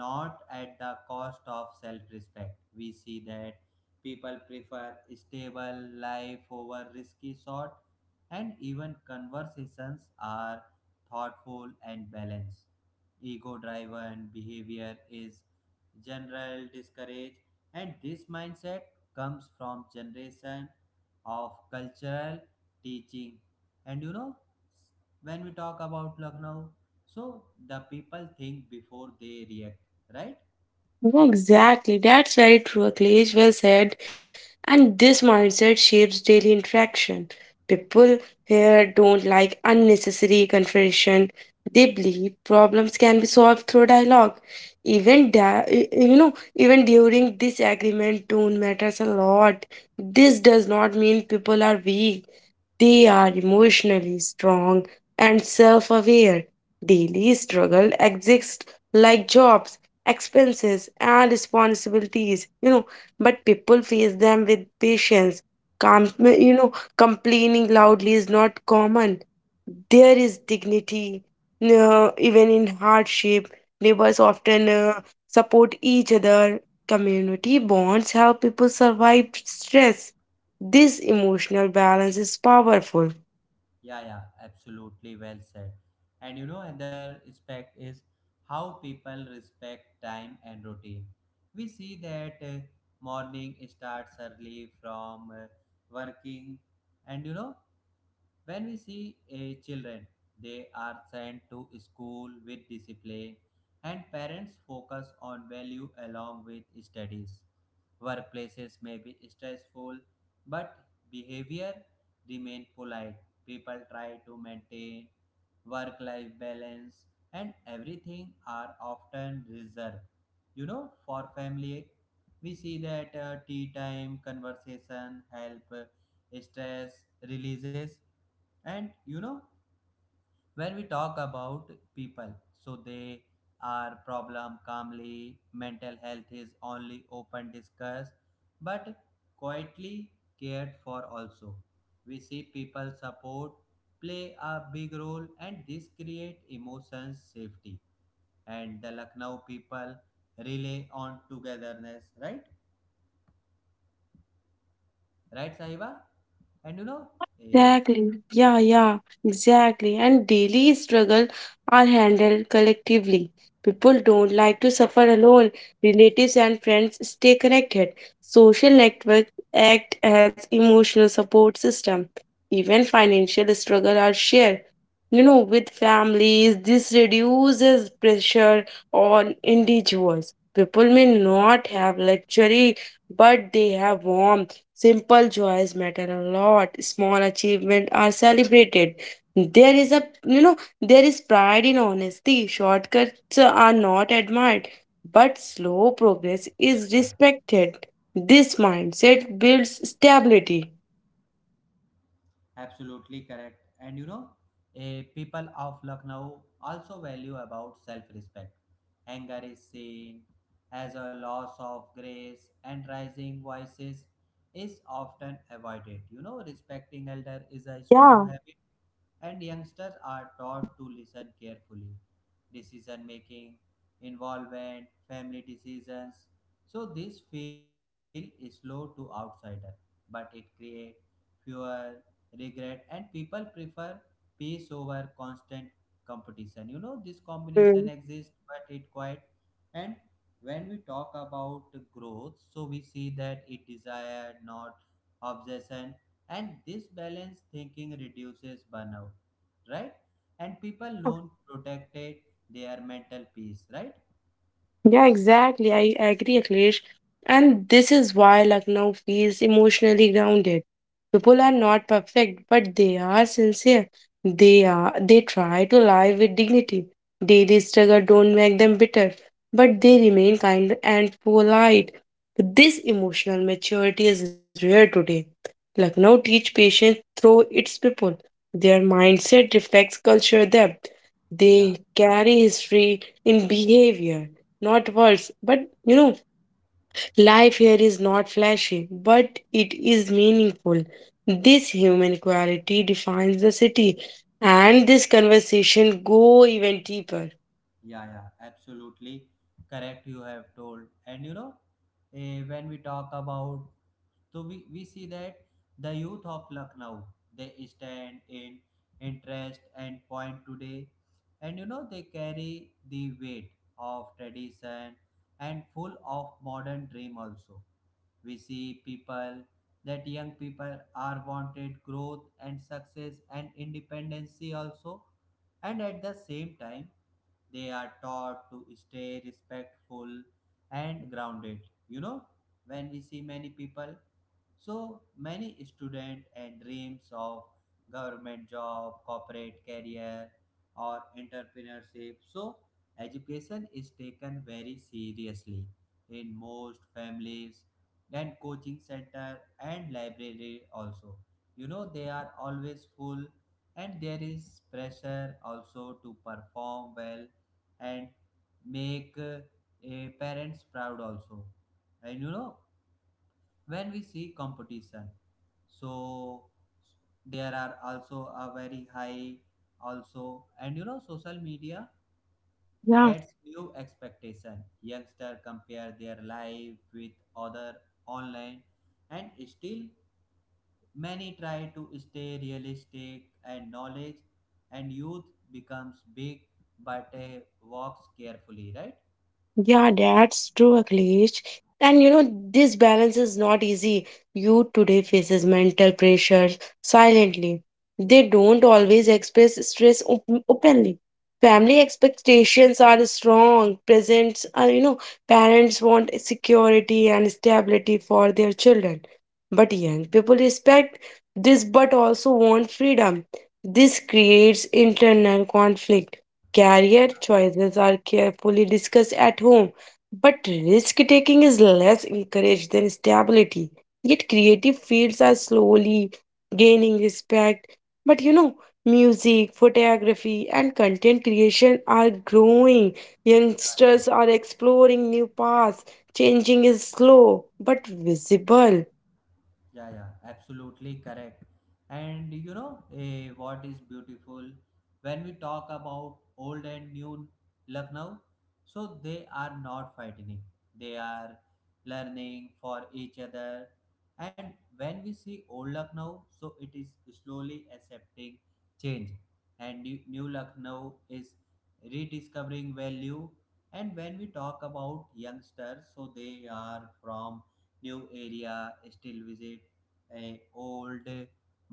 Speaker 1: not at the cost of self-respect. We see that people prefer stable life over risky sort, and even conversations are thoughtful and balanced. Ego driven behavior is general discouraged, and this mindset comes from generation of cultural teaching. And you know, when we talk about Lucknow, so the people think before they react, right?
Speaker 2: Yeah, exactly. That's very true, Akhilesh. Well said. And this mindset shapes daily interaction. People here don't like unnecessary confrontation. They believe problems can be solved through dialogue. Even during disagreement, tone matters a lot. This does not mean people are weak. They are emotionally strong and self-aware. Daily struggle exists, like jobs, expenses, and responsibilities. But people face them with patience. Com- you know complaining loudly is not common. There is dignity, even in hardship. Neighbors often support each other. Community bonds help people survive stress. This emotional balance is powerful.
Speaker 1: Yeah, yeah, absolutely well said. And you know, another aspect is how people respect time and routine. We see that morning starts early from working, and you know, when we see a children, they are sent to school with discipline, and parents focus on value along with studies. Workplaces may be stressful, but behavior remain polite. People try to maintain work-life balance, and everything are often reserved. You know, for family, we see that tea time conversation help stress releases. And you know, when we talk about people, so they are problem calmly, mental health is only open discussed but quietly cared for also. We see people support play a big role, and this create emotions safety, and the Lucknow people rely on togetherness, right? Right, Sahiba? And you know, eh,
Speaker 2: Exactly. Yeah, yeah, exactly. And daily struggle are handled collectively. People don't like to suffer alone. Relatives and friends stay connected. Social networks act as emotional support system. Even financial struggle are shared. With families, this reduces pressure on individuals. People may not have luxury, but they have warmth. Simple joys matter a lot. Small achievements are celebrated. There is a you know there is pride in honesty. Shortcuts are not admired, but slow
Speaker 1: yeah, yeah.
Speaker 2: progress is respected. This mindset builds stability.
Speaker 1: Absolutely correct. And you know, people of Lucknow also value about self-respect. Anger is seen as a loss of grace, and rising voices is often avoided. You know, respecting elder is a strong
Speaker 2: Yeah.
Speaker 1: habit, and youngsters are taught to listen carefully. Decision making, involvement, family decisions. So this feel is slow to outsider, but it create fewer regret, and people prefer peace over constant competition. You know this combination
Speaker 2: Mm.
Speaker 1: exists, but it quite. And when we talk about growth, so we see that it desired not obsession, and this balanced thinking reduces burnout, right? And people
Speaker 2: Yeah,
Speaker 1: learn protected their mental peace, right?
Speaker 2: yeah, exactly. I agree, Akhilesh. And this is why Lucknow feels emotionally grounded. People are not perfect, but they are sincere. They try to live with dignity. Daily struggle don't make them bitter, but they remain kind and polite. This emotional maturity is rare today. Lucknow teach patience through its people. Their mindset reflects culture depth.
Speaker 1: Yeah,
Speaker 2: They carry history in behavior, not words. But you know, life here is not flashy, but it is meaningful. This human quality defines the city, and this conversation go even deeper.
Speaker 1: yeah, yeah, absolutely correct. You have told, and you know, when we talk about, so we see that the youth of Lucknow they stand in interest and point today, and you know, they carry the weight of tradition and full of modern dream also. We see people that young people are wanted growth and success and independency also, and at the same time, they are taught to stay respectful and grounded. You know, when we see many people, so many students and dreams of government job, corporate career, or entrepreneurship. So education is taken very seriously in most families, and coaching center and library also. You know they are always full, and there is pressure also to perform well and make parents proud also. And you know, when we see competition, so there are also a very high also. And you know social media
Speaker 2: Yeah.
Speaker 1: adds new expectation, youngster compare their life with other online, and still many try to stay realistic and knowledge, and youth becomes big but walks carefully, right?
Speaker 2: Yeah, that's true, Akhilesh. And this balance is not easy. Youth today faces mental pressures silently. They don't always express stress openly. Family expectations are strong. Presents are, you know, parents want security and stability for their children. But young people respect this but also want freedom. This creates internal conflict. Career choices are carefully discussed at home, but risk taking is less encouraged than stability. Yet creative fields are slowly gaining respect. But music, photography, and content creation are growing.
Speaker 1: Right.
Speaker 2: Youngsters are exploring new paths. Changing is slow but visible.
Speaker 1: Yeah, yeah, absolutely correct. And you know, what is beautiful when we talk about old and new Lucknow? So they are not fighting, they are learning for each other. And when we see old Lucknow, so it is slowly accepting change, and new Lucknow is rediscovering value. And when we talk about youngsters, so they are from new area, still visit a old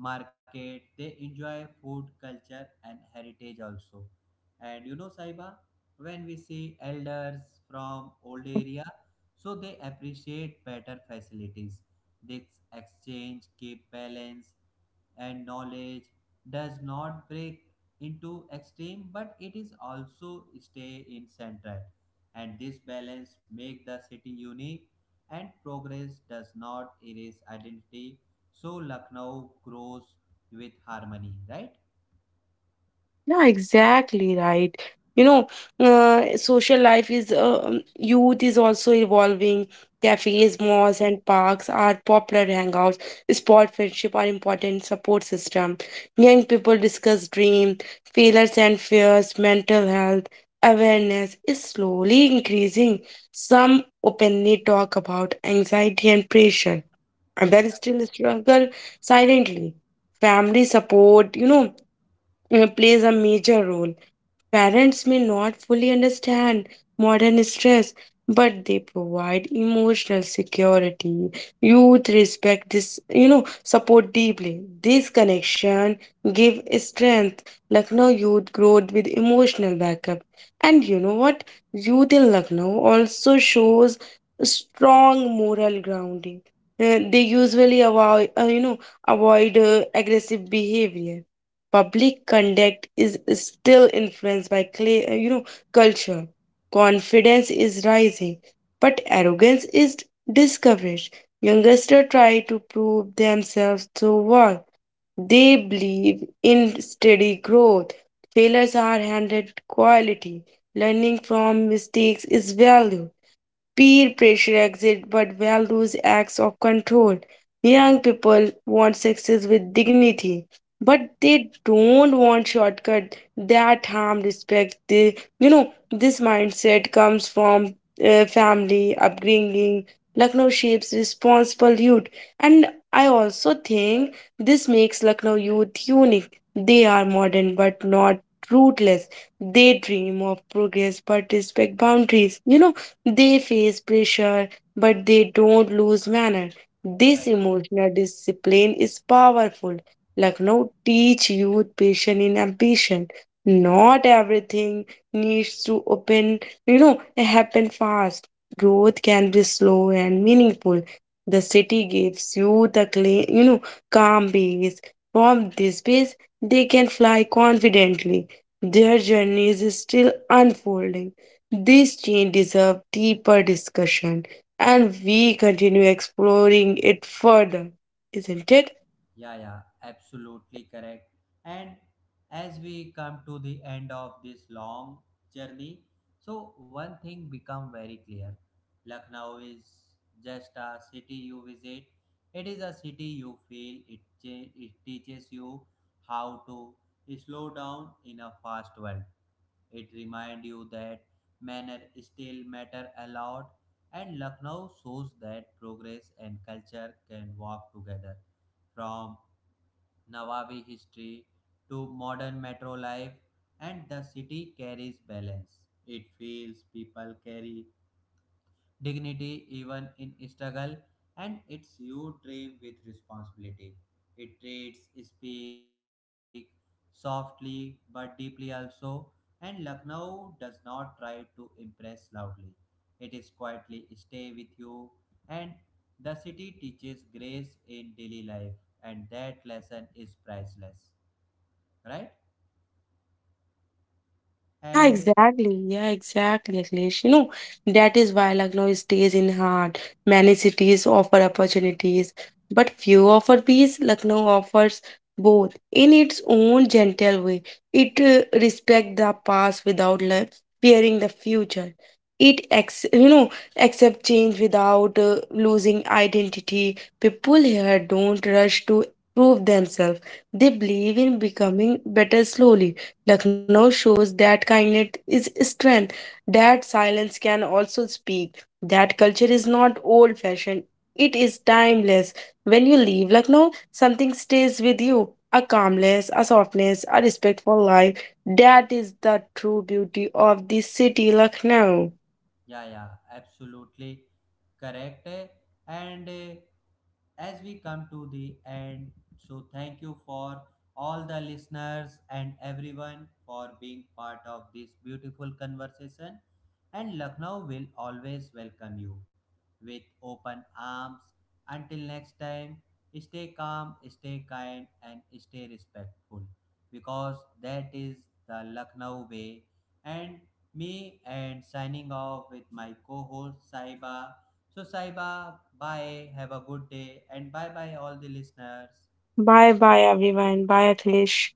Speaker 1: market, they enjoy food culture and heritage also. And you know Saiba, when we see elders from old area, so they appreciate better facilities. This exchange keep balance, and knowledge does not break into extreme, but it is also stay in centered, and this balance make the city unique, and progress does not erase identity. So Lucknow grows with harmony, right?
Speaker 2: Yeah, exactly right. You know, social life is youth is also evolving. Cafes, malls, and parks are popular hangouts. Sport friendship are important support system. Young people discuss dream, failures and fears. Mental health awareness is slowly increasing. Some openly talk about anxiety and pressure. Others
Speaker 1: Yeah,
Speaker 2: still struggle silently. Family support, you know plays a major role. Parents may not fully understand modern stress, but they provide emotional security. Youth respect this, you know, support deeply. This connection give strength. Lucknow youth growth with emotional backup. And you know what? Youth in Lucknow also shows strong moral grounding. They usually avoid aggressive behavior. Public conduct is still influenced by clay, culture. Confidence is rising, but arrogance is discouraged. Youngsters try to prove themselves through work. They believe in steady growth. Failures are handed quality. Learning from mistakes is valued. Peer pressure exists but values acts of control. Young people want success with dignity, but they don't want shortcut that harm respect. This mindset comes from family upbringing. Lucknow shapes responsible youth, and I also think this makes Lucknow youth unique. They are modern but not rootless. They dream of progress but respect boundaries. They face pressure, but they don't lose manner.
Speaker 1: yeah.
Speaker 2: This emotional discipline is powerful. Lucknow teach youth patience and ambition. Not everything needs to happen fast. Growth can be slow and meaningful. The city gives you the calm base. From this base, they can fly confidently. Their journey is still unfolding. This change deserves deeper discussion, and we continue exploring it further, isn't it?
Speaker 1: Yeah, yeah, absolutely correct. And as we come to the end of this long journey, so one thing become very clear. Lucknow is just a city you visit. It is a city you feel. It teaches you how to slow down in a fast world. It reminds you that manner still matter a lot. And Lucknow shows that progress and culture can walk together from Nawabi history to modern metro life, and the city carries balance. It feels people carry dignity even in struggle, and it's you dream with responsibility, it treats speak softly but deeply also. And Lucknow does not try to impress loudly, it is quietly stay with you, and the city teaches grace in daily life, and that lesson is priceless, right?
Speaker 2: Yeah,
Speaker 1: And
Speaker 2: exactly. Yeah, exactly, Akhilesh. That is why Lucknow stays in heart. Many cities offer opportunities, but few offer peace. Lucknow offers both in its own gentle way. It respects the past without fearing the future. It accept change without losing identity. People here don't rush to prove themselves. They believe in becoming better slowly. Lucknow shows that kindness is strength, that silence can also speak, that culture is not old fashioned, it is timeless. When you leave Lucknow, something stays with you, a calmness, a softness, a respect for life. That is the true beauty of the city, Lucknow.
Speaker 1: yeah, yeah, absolutely correct. And as we come to the end, so thank you for all the listeners and everyone for being part of this beautiful conversation. And Lucknow will always welcome you with open arms. Until next time, stay calm, stay kind, and stay respectful because that is the Lucknow way. And me and signing off with my co-host Saiba. So Saiba, bye, have a good day and bye bye all the listeners.
Speaker 2: Bye bye, everyone. Bye, Akhilesh.